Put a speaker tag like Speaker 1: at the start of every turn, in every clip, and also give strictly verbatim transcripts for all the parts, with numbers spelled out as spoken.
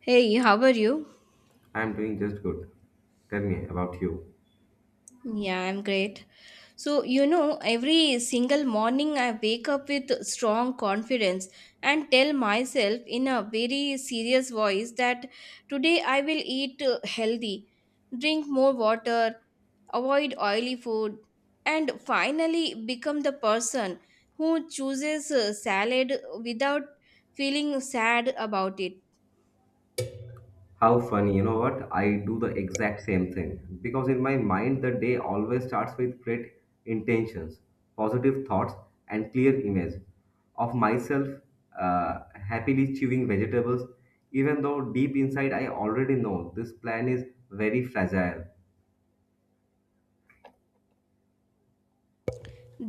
Speaker 1: Hey, how are you?
Speaker 2: I'm doing just good. Tell me about you.
Speaker 1: Yeah, I'm great. So, you know, every single morning I wake up with strong confidence and tell myself in a very serious voice that today I will eat uh, healthy, drink more water, avoid oily food, and finally become the person who chooses uh, salad without feeling sad about it.
Speaker 2: How funny, you know what? I do the exact same thing. Because in my mind, the day always starts with great intentions, positive thoughts, and clear image of myself uh, happily chewing vegetables, even though deep inside I already know this plan is very fragile.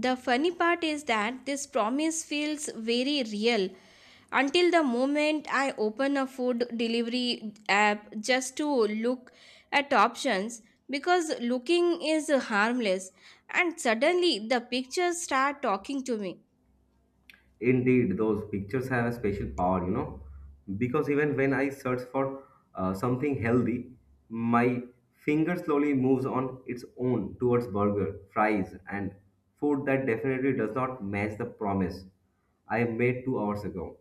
Speaker 1: The funny part is that this promise feels very real until the moment I open a food delivery app just to look at options because looking is harmless and suddenly the pictures start talking to me.
Speaker 2: Indeed, those pictures have a special power, you know, because even when I search for uh, something healthy, my finger slowly moves on its own towards burger, fries, and food that definitely does not match the promise I made two hours ago.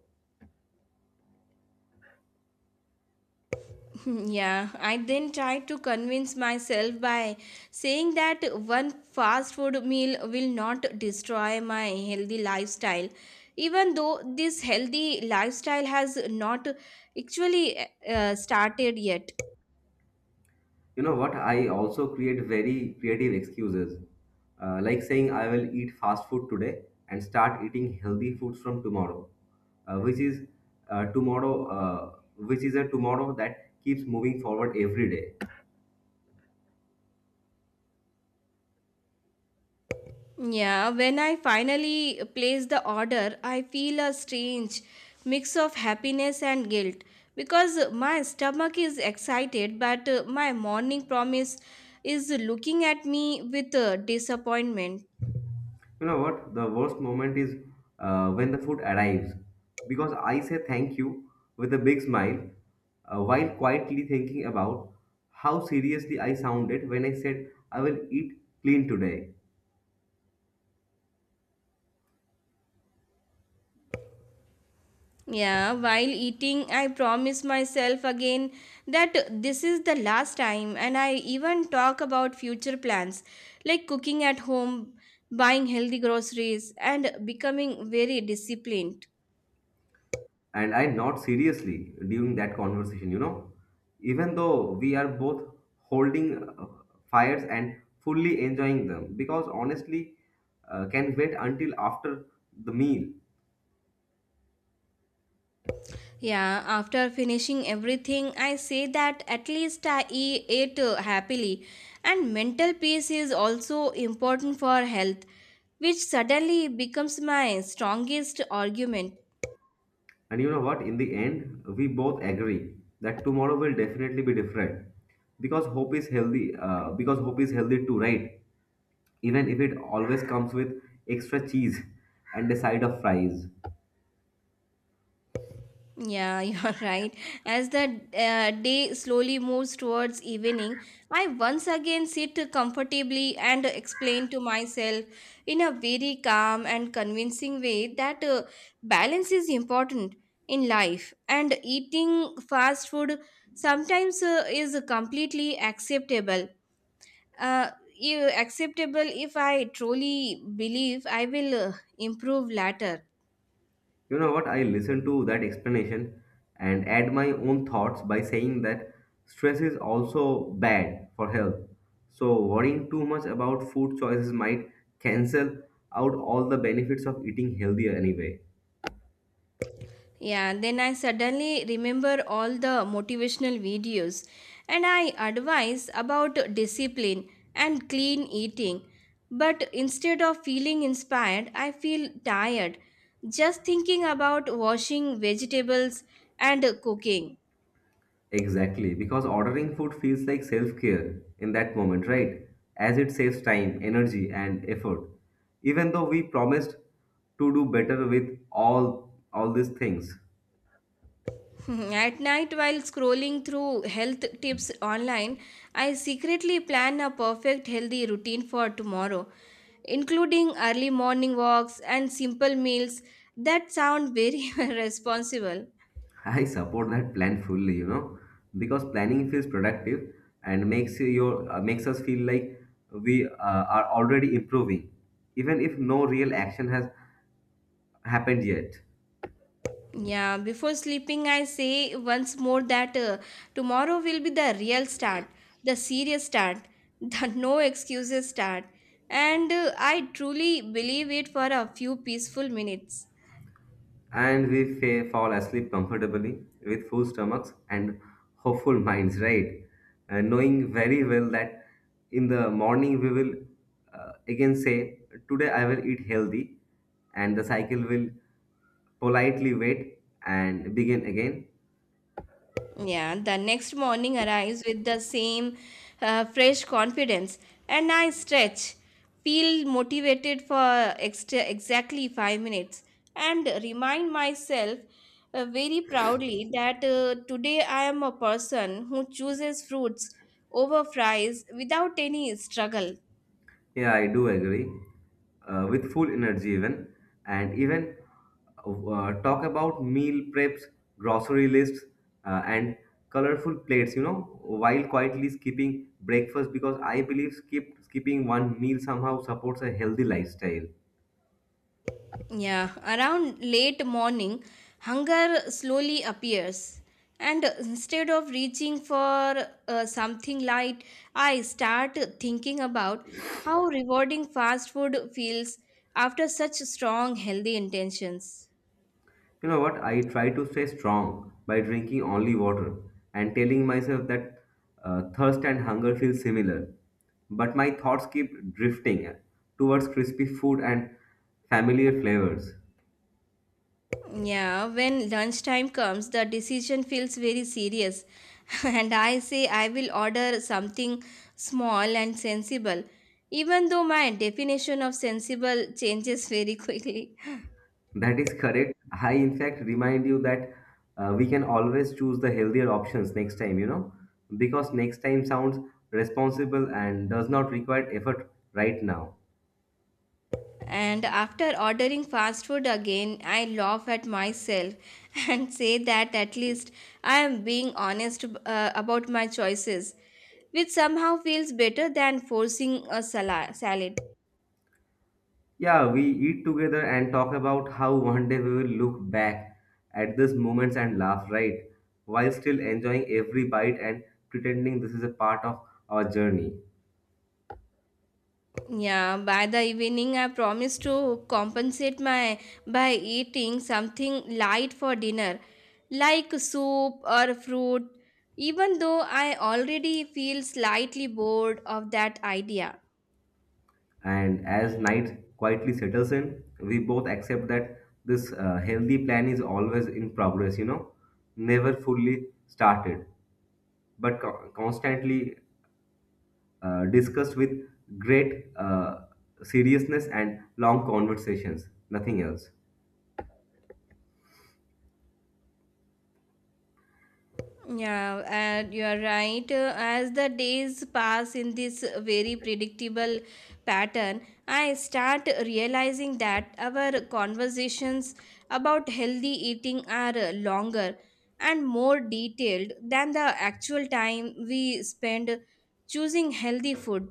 Speaker 1: Yeah, I then try to convince myself by saying that one fast food meal will not destroy my healthy lifestyle, even though this healthy lifestyle has not actually uh, started yet.
Speaker 2: You know what? I also create very creative excuses, uh, like saying I will eat fast food today and start eating healthy foods from tomorrow, uh, which is uh, tomorrow, uh, which is a tomorrow that keeps moving forward every day.
Speaker 1: Yeah, when I finally place the order, I feel a strange mix of happiness and guilt because my stomach is excited, but uh, my morning promise is looking at me with uh, disappointment.
Speaker 2: You know what? The worst moment is uh, when the food arrives, because I say thank you with a big smile, uh, while quietly thinking about how seriously I sounded when I said I will eat clean today.
Speaker 1: Yeah, while eating, I promise myself again that this is the last time, and I even talk about future plans like cooking at home, buying healthy groceries, and becoming very disciplined.
Speaker 2: And I nod seriously during that conversation, you know, even though we are both holding uh, fires and fully enjoying them, because honestly, uh, can wait until after the meal.
Speaker 1: Yeah, after finishing everything, I say that at least I e- ate uh, happily. And mental peace is also important for health, which suddenly becomes my strongest argument.
Speaker 2: And you know what? In the end, we both agree that tomorrow will definitely be different because hope is healthy. Uh, because hope is healthy too, right? Even if it always comes with extra cheese and a side of fries.
Speaker 1: Yeah, you're right. As the uh, day slowly moves towards evening, I once again sit comfortably and explain to myself in a very calm and convincing way that uh, balance is important in life and eating fast food sometimes uh, is completely acceptable. Uh, i- Acceptable if I truly believe I will uh, improve later.
Speaker 2: You know what? I listen to that explanation and add my own thoughts by saying that stress is also bad for health. So, worrying too much about food choices might cancel out all the benefits of eating healthier anyway.
Speaker 1: Yeah, then I suddenly remember all the motivational videos and I advise about discipline and clean eating. But instead of feeling inspired, I feel tired just thinking about washing vegetables and cooking.
Speaker 2: Exactly, because ordering food feels like self care in that moment, right? As it saves time, energy, and effort. Even though we promised to do better with all all these things.
Speaker 1: At night, while scrolling through health tips online, I secretly plan a perfect healthy routine for tomorrow, including early morning walks and simple meals that sound very responsible.
Speaker 2: I support that plan fully, you know, because planning feels productive and makes you- your uh, makes us feel like we uh, are already improving, even if no real action has happened yet.
Speaker 1: Yeah, before sleeping, I say once more that uh, tomorrow will be the real start, the serious start, the no excuses start, and uh, I truly believe it for a few peaceful minutes.
Speaker 2: And we fa- fall asleep comfortably with full stomachs and hopeful minds, right? And knowing very well that in the morning we will uh, again say, "Today I will eat healthy," and the cycle will politely wait and begin again.
Speaker 1: Yeah, the next morning arrives with the same uh, fresh confidence, and I stretch, feel motivated for extra, exactly five minutes, and remind myself uh, very proudly that uh, today I am a person who chooses fruits over fries without any struggle.
Speaker 2: Yeah, I do agree. Uh, with full energy, even and even uh, talk about meal preps, grocery lists, uh, and colorful plates. You know, while quietly skipping breakfast because I believe skip skipping one meal somehow supports a healthy lifestyle.
Speaker 1: Yeah, around late morning, hunger slowly appears. And instead of reaching for uh, something light, I start thinking about how rewarding fast food feels after such strong, healthy intentions.
Speaker 2: You know what? I try to stay strong by drinking only water and telling myself that uh, thirst and hunger feel similar. But my thoughts keep drifting towards crispy food and familiar flavors.
Speaker 1: Yeah, when lunchtime comes, the decision feels very serious. And I say I will order something small and sensible, even though my definition of sensible changes very quickly.
Speaker 2: That is correct. I, in fact, remind you that uh, we can always choose the healthier options next time, you know, because next time sounds responsible and does not require effort right now.
Speaker 1: And after ordering fast food again, I laugh at myself and say that at least I am being honest uh, about my choices, which somehow feels better than forcing a sala- salad.
Speaker 2: Yeah, we eat together and talk about how one day we will look back at these moments and laugh, right? While still enjoying every bite and pretending this is a part of our journey.
Speaker 1: Yeah, by the evening, I promise to compensate my by eating something light for dinner, like soup or fruit, even though I already feel slightly bored of that idea.
Speaker 2: And as night quietly settles in, we both accept that this uh, healthy plan is always in progress, you know, never fully started, but co- constantly uh, discussed with great uh, seriousness and long conversations, nothing else.
Speaker 1: Yeah, and you are right. Uh, as the days pass in this very predictable pattern, I start realizing that our conversations about healthy eating are uh, longer and more detailed than the actual time we spend choosing healthy food.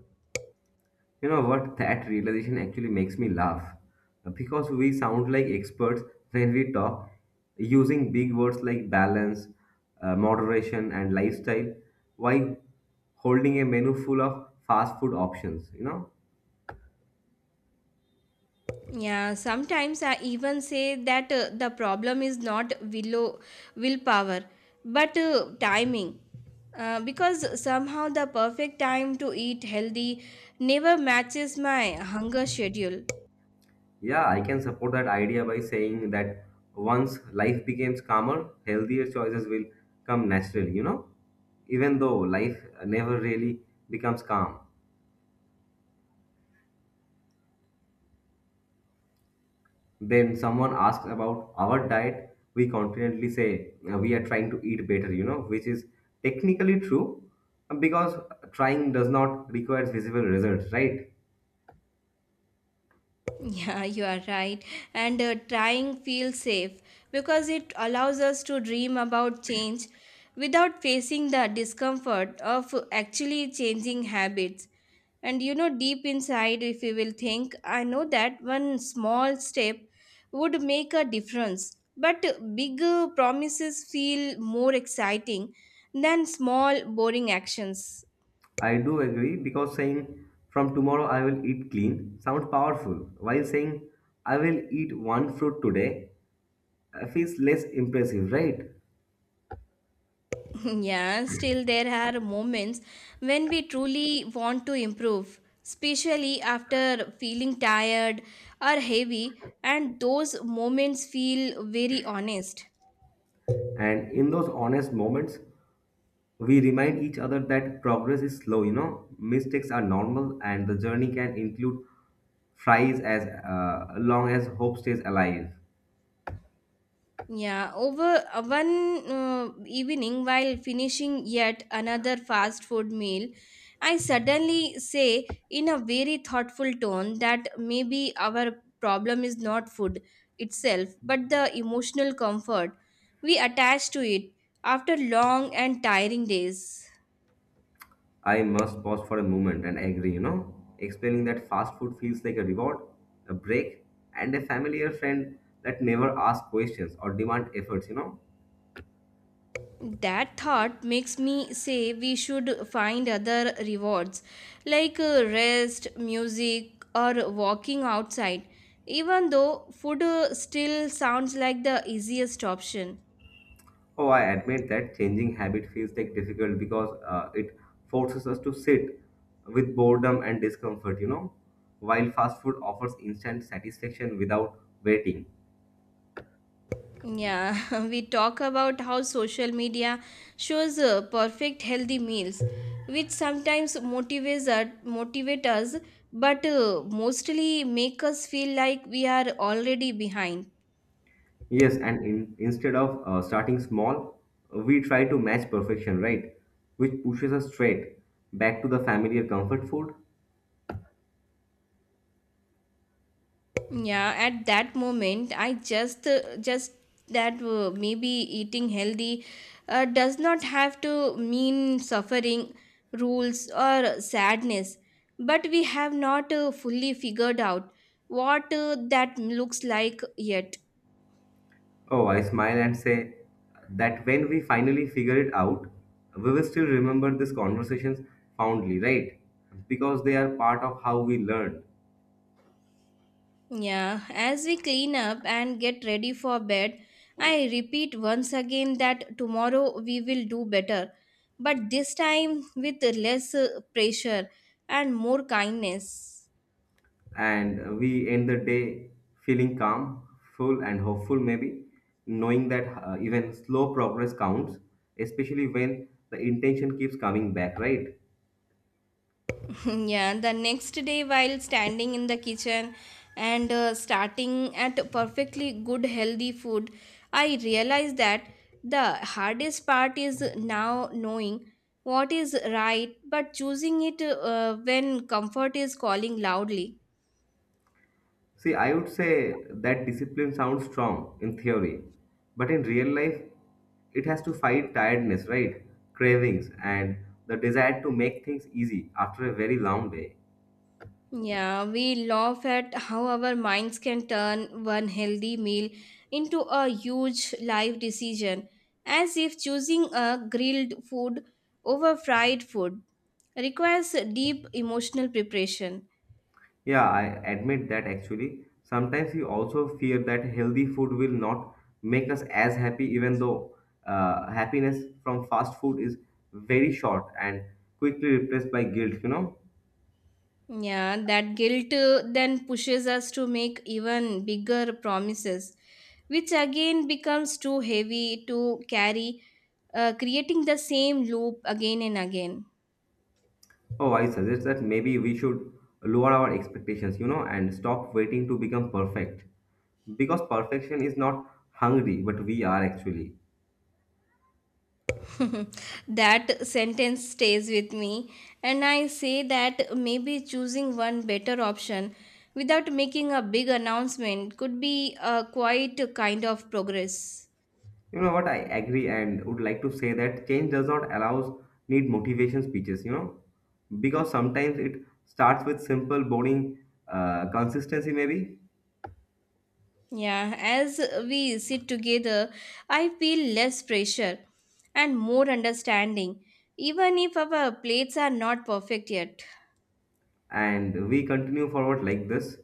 Speaker 2: You know what? That realization actually makes me laugh. Because we sound like experts when we talk, using big words like balance, uh, moderation, and lifestyle, while holding a menu full of fast food options. You know?
Speaker 1: Yeah, sometimes I even say that uh, the problem is not willow willpower, but uh, timing. Uh, because somehow the perfect time to eat healthy never matches my hunger schedule.
Speaker 2: Yeah, I can support that idea by saying that once life becomes calmer, healthier choices will come naturally, you know? Even though life never really becomes calm. When someone asks about our diet, we confidently say uh, we are trying to eat better, you know, which is technically true uh, because trying does not require visible results, right?
Speaker 1: Yeah, you are right. And uh, trying feels safe because it allows us to dream about change without facing the discomfort of actually changing habits. And you know, deep inside, if you will think, I know that one small step would make a difference. But big uh, promises feel more exciting than small, boring actions.
Speaker 2: I do agree because saying from tomorrow I will eat clean sounds powerful, while saying I will eat one fruit today uh, feels less impressive, right?
Speaker 1: Yeah, still, there are moments when we truly want to improve, especially after feeling tired or heavy, and those moments feel very honest.
Speaker 2: And in those honest moments, we remind each other that progress is slow, you know mistakes are normal, and the journey can include fries as uh, long as hope stays alive.
Speaker 1: Yeah, over uh, one uh, evening while finishing yet another fast food meal, I suddenly say in a very thoughtful tone that maybe our problem is not food itself, but the emotional comfort we attach to it after long and tiring days.
Speaker 2: I must pause for a moment and agree, you know explaining that fast food feels like a reward, a break, and a familiar friend that never asks questions or demand efforts you know
Speaker 1: That thought makes me say we should find other rewards like uh, rest music or walking outside, even though food uh, still sounds like the easiest option.
Speaker 2: Oh, I admit that changing habit feels like difficult because uh, it forces us to sit with boredom and discomfort, you know, while fast food offers instant satisfaction without waiting.
Speaker 1: Yeah, we talk about how social media shows uh, perfect healthy meals which sometimes motivates us, motivate us, but uh, mostly make us feel like we are already behind.
Speaker 2: Yes, and in, instead of uh, starting small, we try to match perfection, right? Which pushes us straight back to the familiar comfort food.
Speaker 1: Yeah, at that moment i just uh, just that uh, maybe eating healthy uh, does not have to mean suffering rules or sadness, but we have not uh, fully figured out what uh, that looks like yet.
Speaker 2: Oh, I smile and say that when we finally figure it out, we will still remember these conversations fondly, right? Because they are part of how we learn.
Speaker 1: Yeah, as we clean up and get ready for bed, I repeat once again that tomorrow we will do better, but this time with less uh, pressure and more kindness.
Speaker 2: And we end the day feeling calm, full, and hopeful, maybe, knowing that uh, even slow progress counts, especially when the intention keeps coming back, right?
Speaker 1: Yeah, the next day while standing in the kitchen and uh, starting at perfectly good healthy food, I realized that the hardest part is now knowing what is right but choosing it uh, when comfort is calling loudly.
Speaker 2: See, I would say that discipline sounds strong in theory, but in real life, it has to fight tiredness, right? Cravings and the desire to make things easy after a very long day.
Speaker 1: Yeah, we laugh at how our minds can turn one healthy meal into a huge life decision, as if choosing a grilled food over fried food requires deep emotional preparation.
Speaker 2: Yeah, I admit that actually. Sometimes we also fear that healthy food will not make us as happy, even though uh, happiness from fast food is very short and quickly replaced by guilt, you know?
Speaker 1: Yeah, that guilt uh, then pushes us to make even bigger promises, which again becomes too heavy to carry, uh, creating the same loop again and again.
Speaker 2: Oh, I suggest that maybe we should lower our expectations, you know, and stop waiting to become perfect. Because perfection is not hungry, but we are actually.
Speaker 1: That sentence stays with me, and I say that maybe choosing one better option without making a big announcement could be a quite a kind of progress.
Speaker 2: You know what? I agree and would like to say that change does not allows need motivation speeches, you know, because sometimes it starts with simple, boring uh, consistency, maybe.
Speaker 1: Yeah, as we sit together, I feel less pressure and more understanding, even if our plates are not perfect yet.
Speaker 2: And we continue forward like this,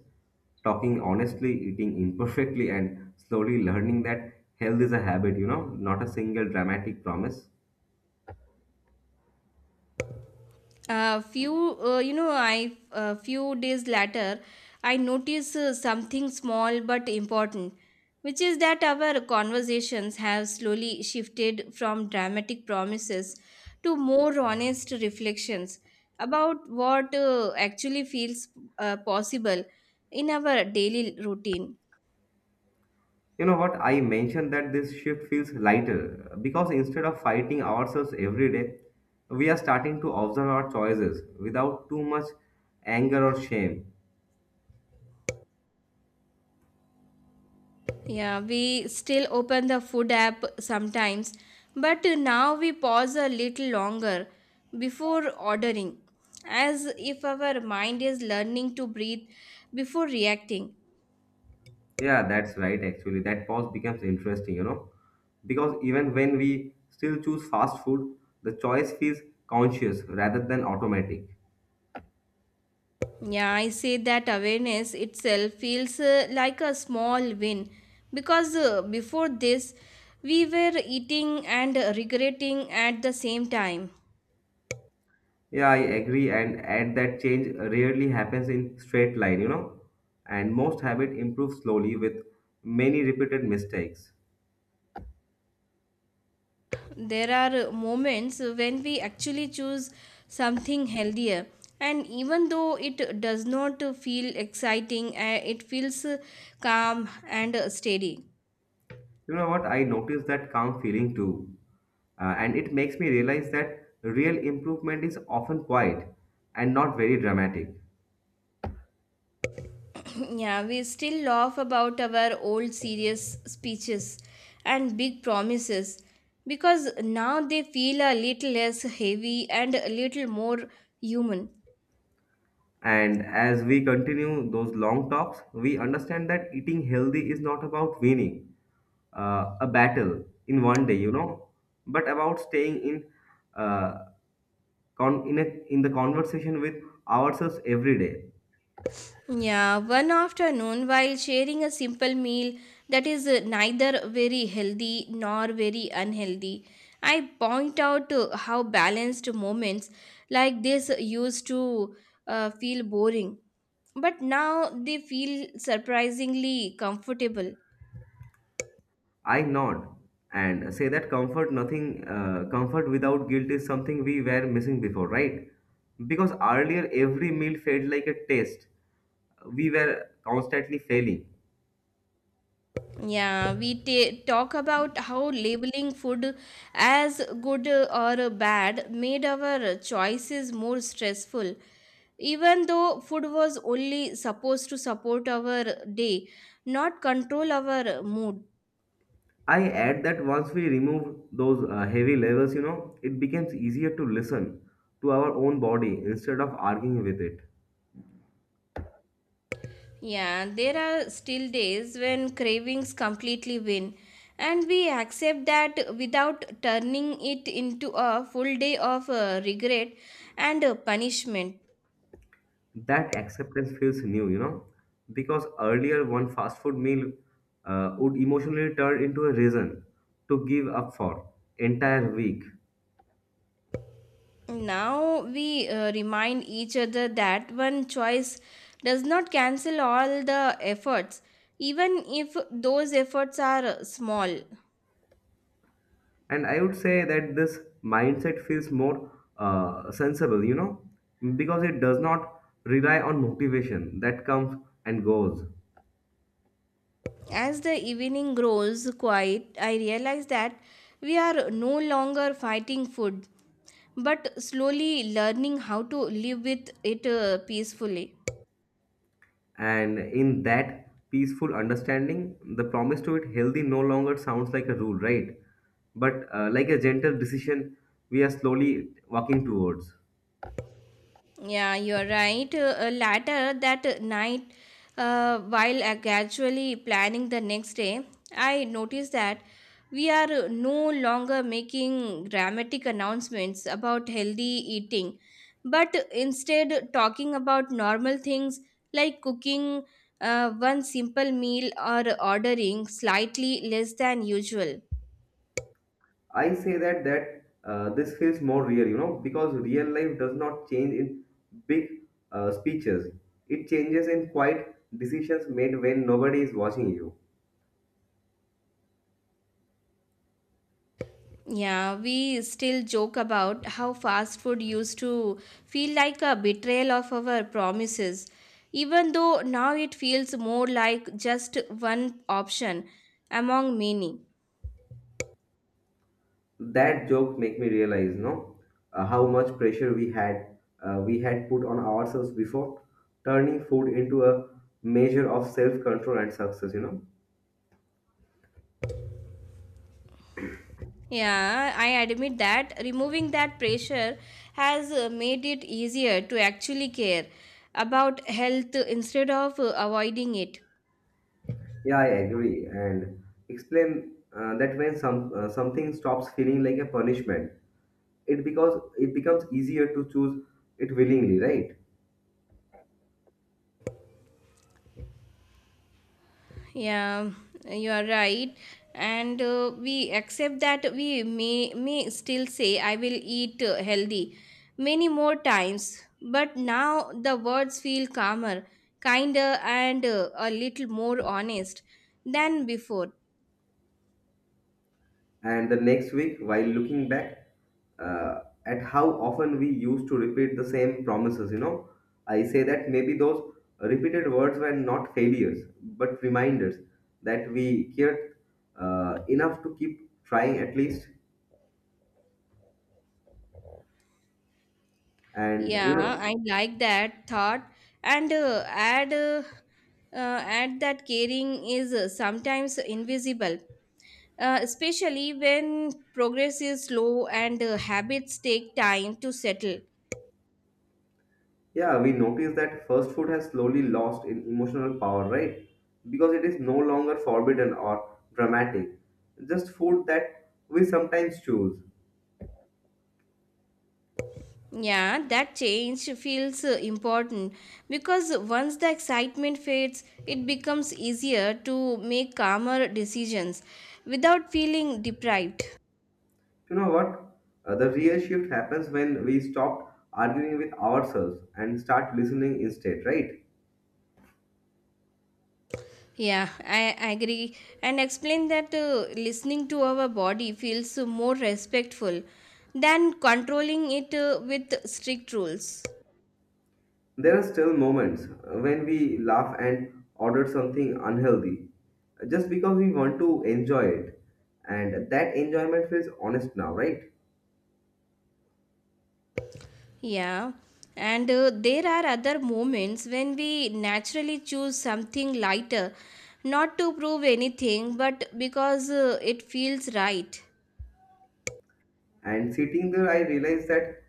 Speaker 2: talking honestly, eating imperfectly, and slowly learning that health is a habit, you know, not a single dramatic promise.
Speaker 1: A few uh, you know I a few days later i noticed uh, something small but important, which is that our conversations have slowly shifted from dramatic promises to more honest reflections about what uh, actually feels uh, possible in our daily routine.
Speaker 2: You know what? I mentioned that this shift feels lighter because instead of fighting ourselves every day, we are starting to observe our choices without too much anger or shame.
Speaker 1: Yeah, we still open the food app sometimes, but now we pause a little longer before ordering, as if our mind is learning to breathe before reacting.
Speaker 2: Yeah, that's right. Actually, that pause becomes interesting, you know, because even when we still choose fast food, the choice feels conscious rather than automatic.
Speaker 1: Yeah, I say that awareness itself feels uh, like a small win because uh, before this, we were eating and regretting at the same time.
Speaker 2: Yeah, I agree. And add that change rarely happens in straight line, you know, and most habit improve slowly with many repeated mistakes.
Speaker 1: There are moments when we actually choose something healthier, and even though it does not feel exciting uh, it feels calm and steady.
Speaker 2: You know what? I noticed that calm feeling too. Uh, and it makes me realize that real improvement is often quiet and not very dramatic.
Speaker 1: Yeah, we still laugh about our old serious speeches and big promises because now they feel a little less heavy and a little more human.
Speaker 2: And as we continue those long talks, we understand that eating healthy is not about winning uh, a battle in one day, you know, but about staying in uh, con- in, a, in the conversation with ourselves every day.
Speaker 1: Yeah, one afternoon while sharing a simple meal that is uh, neither very healthy nor very unhealthy, I point out uh, how balanced moments like this used to uh, feel boring, but now they feel surprisingly comfortable.
Speaker 2: I nod and say that comfort, nothing, uh, comfort without guilt is something we were missing before, right? Because earlier every meal felt like a test. We were constantly failing.
Speaker 1: Yeah, we ta talk about how labeling food as good or bad made our choices more stressful, even though food was only supposed to support our day, not control our mood.
Speaker 2: I add that once we remove those uh, heavy levels, you know, it becomes easier to listen to our own body instead of arguing with it.
Speaker 1: Yeah, there are still days when cravings completely win, and we accept that without turning it into a full day of uh, regret and uh, punishment.
Speaker 2: That acceptance feels new, you know, because earlier one fast food meal uh, would emotionally turn into a reason to give up for entire week.
Speaker 1: Now we uh, remind each other that one choice does not cancel all the efforts, even if those efforts are uh, small.
Speaker 2: And I would say that this mindset feels more uh, sensible, you know, because it does not rely on motivation that comes and goes.
Speaker 1: As the evening grows quiet, I realize that we are no longer fighting food, but slowly learning how to live with it uh, peacefully.
Speaker 2: And in that peaceful understanding, the promise to it healthy no longer sounds like a rule, right? But uh, like a gentle decision we are slowly walking towards.
Speaker 1: Yeah, you're right. Uh, later that night, uh, while uh, casually planning the next day, I noticed that we are no longer making dramatic announcements about healthy eating, but instead talking about normal things like cooking uh, one simple meal or ordering slightly less than usual.
Speaker 2: I say that that uh, this feels more real, you know, because real life does not change in big uh, speeches. It changes in quiet decisions made when nobody is watching you.
Speaker 1: Yeah, we still joke about how fast food used to feel like a betrayal of our promises, even though now it feels more like just one option among many.
Speaker 2: That joke make me realize no uh, how much pressure we had uh, we had put on ourselves before turning food into a measure of self control and success you know
Speaker 1: Yeah, I admit that removing that pressure has uh, made it easier to actually care about health instead of uh, avoiding it.
Speaker 2: Yeah, I agree and explain uh, that when some uh, something stops feeling like a punishment it because it becomes easier to choose it willingly, right?
Speaker 1: Yeah, you are right. And uh, we accept that we may, may still say, I will eat uh, healthy many more times. But now the words feel calmer, kinder, and uh, a little more honest than before.
Speaker 2: And the next week, while looking back uh, at how often we used to repeat the same promises, you know, I say that maybe those repeated words were not failures, but reminders that we cared uh, enough to keep trying at least. And, you
Speaker 1: Yeah,
Speaker 2: know,
Speaker 1: I like that thought. And uh, add, uh, uh, add that caring is uh, sometimes invisible, uh, especially when progress is slow and uh, habits take time to settle.
Speaker 2: yeah, we noticed that first food has slowly lost in emotional power, right? Because it is no longer forbidden or dramatic, just food that we sometimes choose.
Speaker 1: Yeah, that change feels uh, important because once the excitement fades, it becomes easier to make calmer decisions without feeling deprived.
Speaker 2: You know what? Uh, the real shift happens when we stop arguing with ourselves and start listening instead, right?
Speaker 1: Yeah, I agree. And explain that uh, listening to our body feels more respectful than controlling it uh, with strict rules.
Speaker 2: There are still moments uh, when we laugh and order something unhealthy uh, just because we want to enjoy it. And that enjoyment feels honest now, right?
Speaker 1: Yeah, and uh, there are other moments when we naturally choose something lighter, not to prove anything, but because uh, it feels right.
Speaker 2: And sitting there, I realized that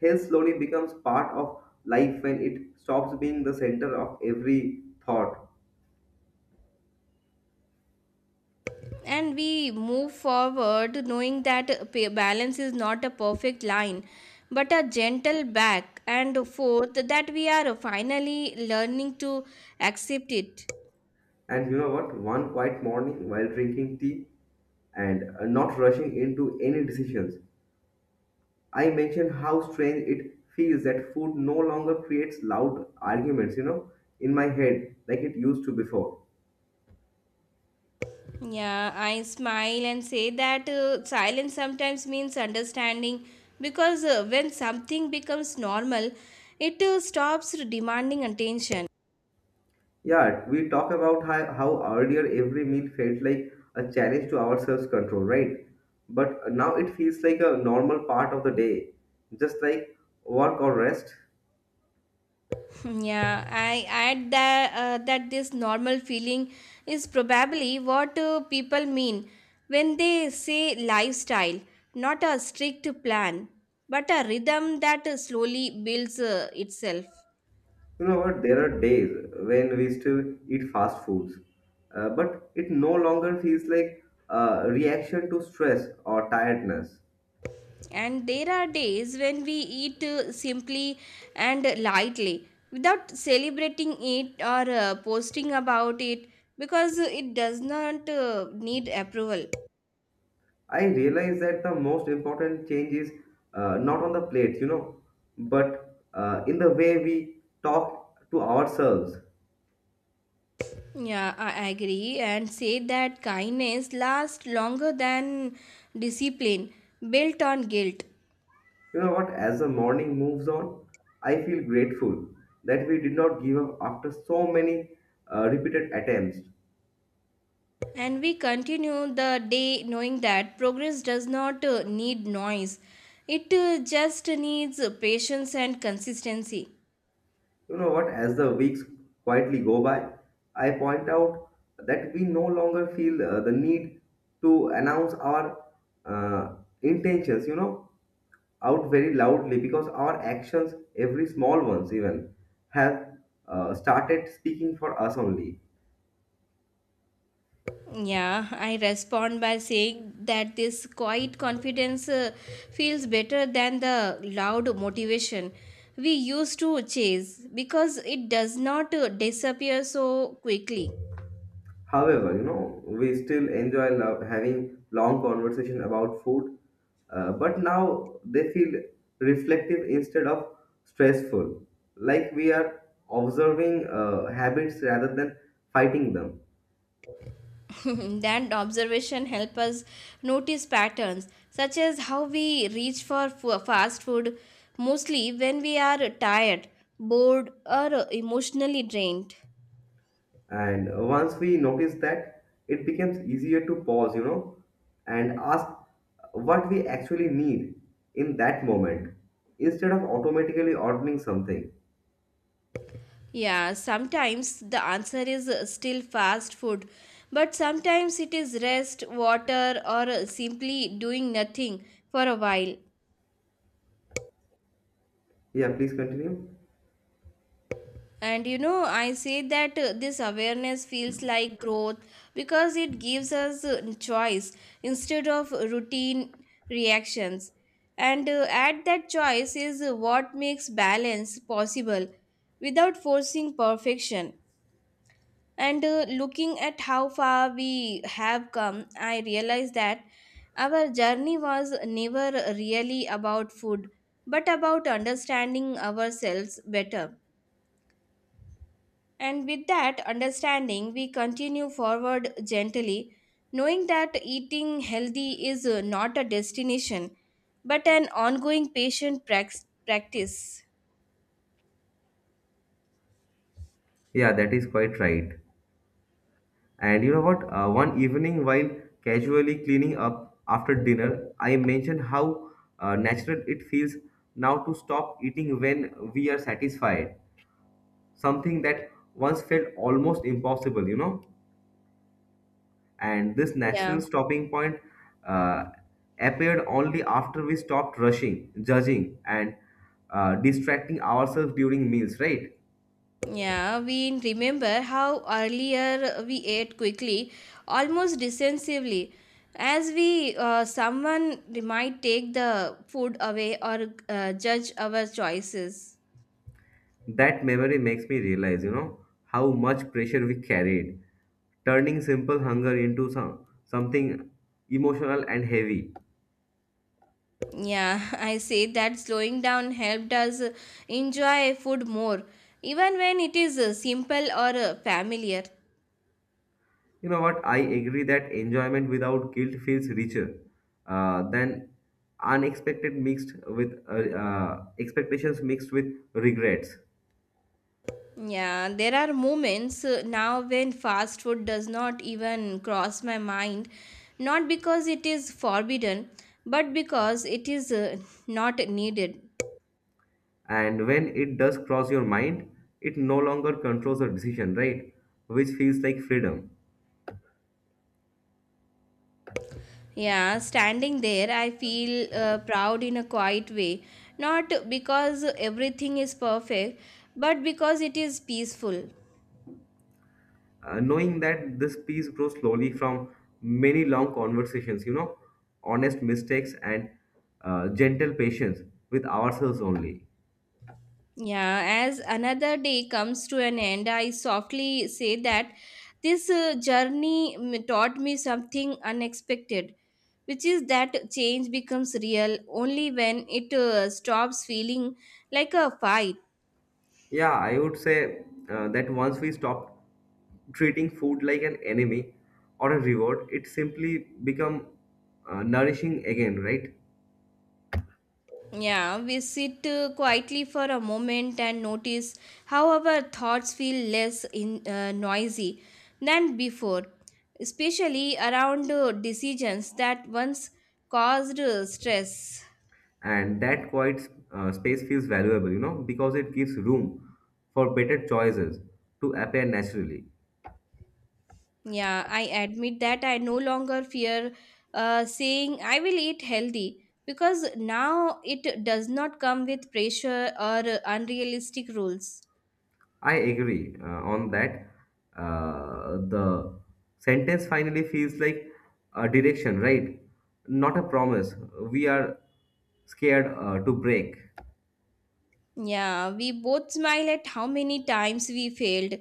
Speaker 2: health slowly becomes part of life when it stops being the center of every thought.
Speaker 1: And we move forward knowing that pa- balance is not a perfect line but a gentle back and forth that we are finally learning to accept it.
Speaker 2: And you know what? One quiet morning while drinking tea and uh, not rushing into any decisions, I mentioned how strange it feels that food no longer creates loud arguments, you know, in my head like it used to before.
Speaker 1: Yeah, I smile and say that uh, silence sometimes means understanding because uh, when something becomes normal it uh, stops demanding attention.
Speaker 2: Yeah, we talk about how, how earlier every meal felt like a challenge to our self control, right? But now it feels like a normal part of the day, just like work or rest.
Speaker 1: Yeah, I add that uh, that this normal feeling is probably what uh, people mean when they say lifestyle, not a strict plan, but a rhythm that uh, slowly builds uh, itself.
Speaker 2: You know what? There are days when we still eat fast foods, uh, but it no longer feels like a reaction to stress or tiredness.
Speaker 1: And there are days when we eat uh, simply and lightly without celebrating it or uh, posting about it because it does not uh, need approval.
Speaker 2: I realize that the most important change is uh, not on the plates, you know, but uh, in the way we talk to ourselves.
Speaker 1: Yeah, I agree and say that kindness lasts longer than discipline built on guilt.
Speaker 2: You know what? As the morning moves on, I feel grateful that we did not give up after so many uh, repeated attempts.
Speaker 1: And we continue the day knowing that progress does not uh, need noise, it uh, just needs patience and consistency.
Speaker 2: You know what? As the weeks quietly go by, I point out that we no longer feel uh, the need to announce our uh, intentions, you know, out very loudly because our actions, every small ones even, have uh, started speaking for us only.
Speaker 1: Yeah, I respond by saying that this quiet confidence uh, feels better than the loud motivation we used to chase because it does not uh, disappear so quickly.
Speaker 2: However, you know, we still enjoy lo- having long conversation about food, uh, but now they feel reflective instead of stressful, like we are observing uh, habits rather than fighting them.
Speaker 1: That observation help us notice patterns such as how we reach for fu- fast food mostly when we are tired, bored, or emotionally drained.
Speaker 2: And once we notice that, it becomes easier to pause, you know, and ask what we actually need in that moment instead of automatically ordering something.
Speaker 1: Yeah, sometimes the answer is uh, still fast food, but sometimes it is rest, water, or uh, simply doing nothing for a while.
Speaker 2: Yeah, please continue.
Speaker 1: And you know, I say that uh, this awareness feels like growth because it gives us uh, choice instead of routine reactions. And uh, at that choice is uh, what makes balance possible without forcing perfection. And uh, looking at how far we have come, I realize that our journey was never really about food, but about understanding ourselves better. And with that understanding, we continue forward gently, knowing that eating healthy is uh, not a destination, but an ongoing patient prax- practice.
Speaker 2: Yeah, that is quite right. And you know what? Uh, one evening, while casually cleaning up after dinner, I mentioned how uh, natural it feels now to stop eating when we are satisfied. Something that once felt almost impossible, you know? And this
Speaker 1: Yeah,
Speaker 2: natural stopping point uh, appeared only after we stopped rushing, judging, and uh, distracting ourselves during meals, right?
Speaker 1: yeah. We remember how earlier we ate quickly, almost defensively, as we uh, someone might take the food away or uh, judge our choices.
Speaker 2: That memory makes me realize, you know, how much pressure we carried, turning simple hunger into some something emotional and heavy.
Speaker 1: Yeah, I say that slowing down helped us enjoy food more, even when it is uh, simple or uh, familiar.
Speaker 2: You know what? I agree that enjoyment without guilt feels richer uh, than unexpected mixed with uh, uh, expectations mixed with regrets.
Speaker 1: Yeah, there are moments uh, now when fast food does not even cross my mind, not because it is forbidden, but because it is uh, not needed.
Speaker 2: And when it does cross your mind, it no longer controls the decision, right? Which feels like freedom.
Speaker 1: Yeah, standing there, I feel uh, proud in a quiet way, not because everything is perfect, but because it is peaceful.
Speaker 2: Uh, knowing that this peace grows slowly from many long conversations, you know, honest mistakes and uh, gentle patience with ourselves only.
Speaker 1: Yeah, as another day comes to an end, I softly say that this uh, journey mm, taught me something unexpected, which is that change becomes real only when it uh, stops feeling like a fight.
Speaker 2: Yeah, I would say uh, that once we stop treating food like an enemy or a reward, it simply become uh, nourishing again, right?
Speaker 1: Yeah, we sit uh, quietly for a moment and notice how our thoughts feel less in, uh, noisy than before, especially around uh, decisions that once caused uh, stress.
Speaker 2: And that quiet uh, space feels valuable, you know, because it gives room for better choices to appear naturally.
Speaker 1: Yeah, I admit that I no longer fear uh, saying I will eat healthy because now it does not come with pressure or unrealistic rules.
Speaker 2: I agree uh, on that. Uh, the sentence finally feels like a direction, right? Not a promise. We are scared uh, to break.
Speaker 1: Yeah, we both smile at how many times we failed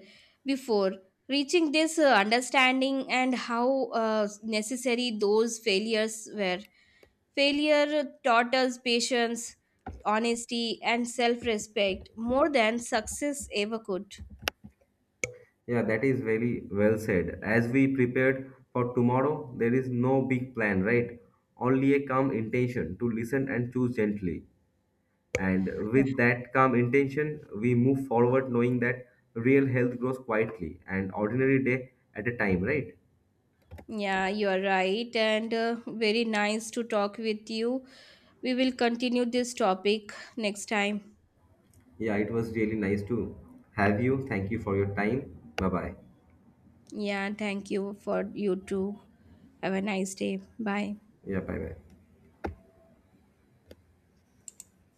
Speaker 1: before reaching this uh, understanding and how uh, necessary those failures were. Failure taught us patience, honesty, and self respect more than success ever could.
Speaker 2: Yeah, that is very well said. As we prepared for tomorrow, there is no big plan, right? Only a calm intention to listen and choose gently. And with that calm intention, we move forward knowing that real health grows quietly and ordinary day at a time, right?
Speaker 1: Yeah, you are right, and uh, very nice to talk with you. We will continue this topic next time.
Speaker 2: Yeah, it was really nice to have you. Thank you for your time. Bye bye.
Speaker 1: Yeah, thank you for you too. Have a nice day. Bye.
Speaker 2: Yeah, bye bye.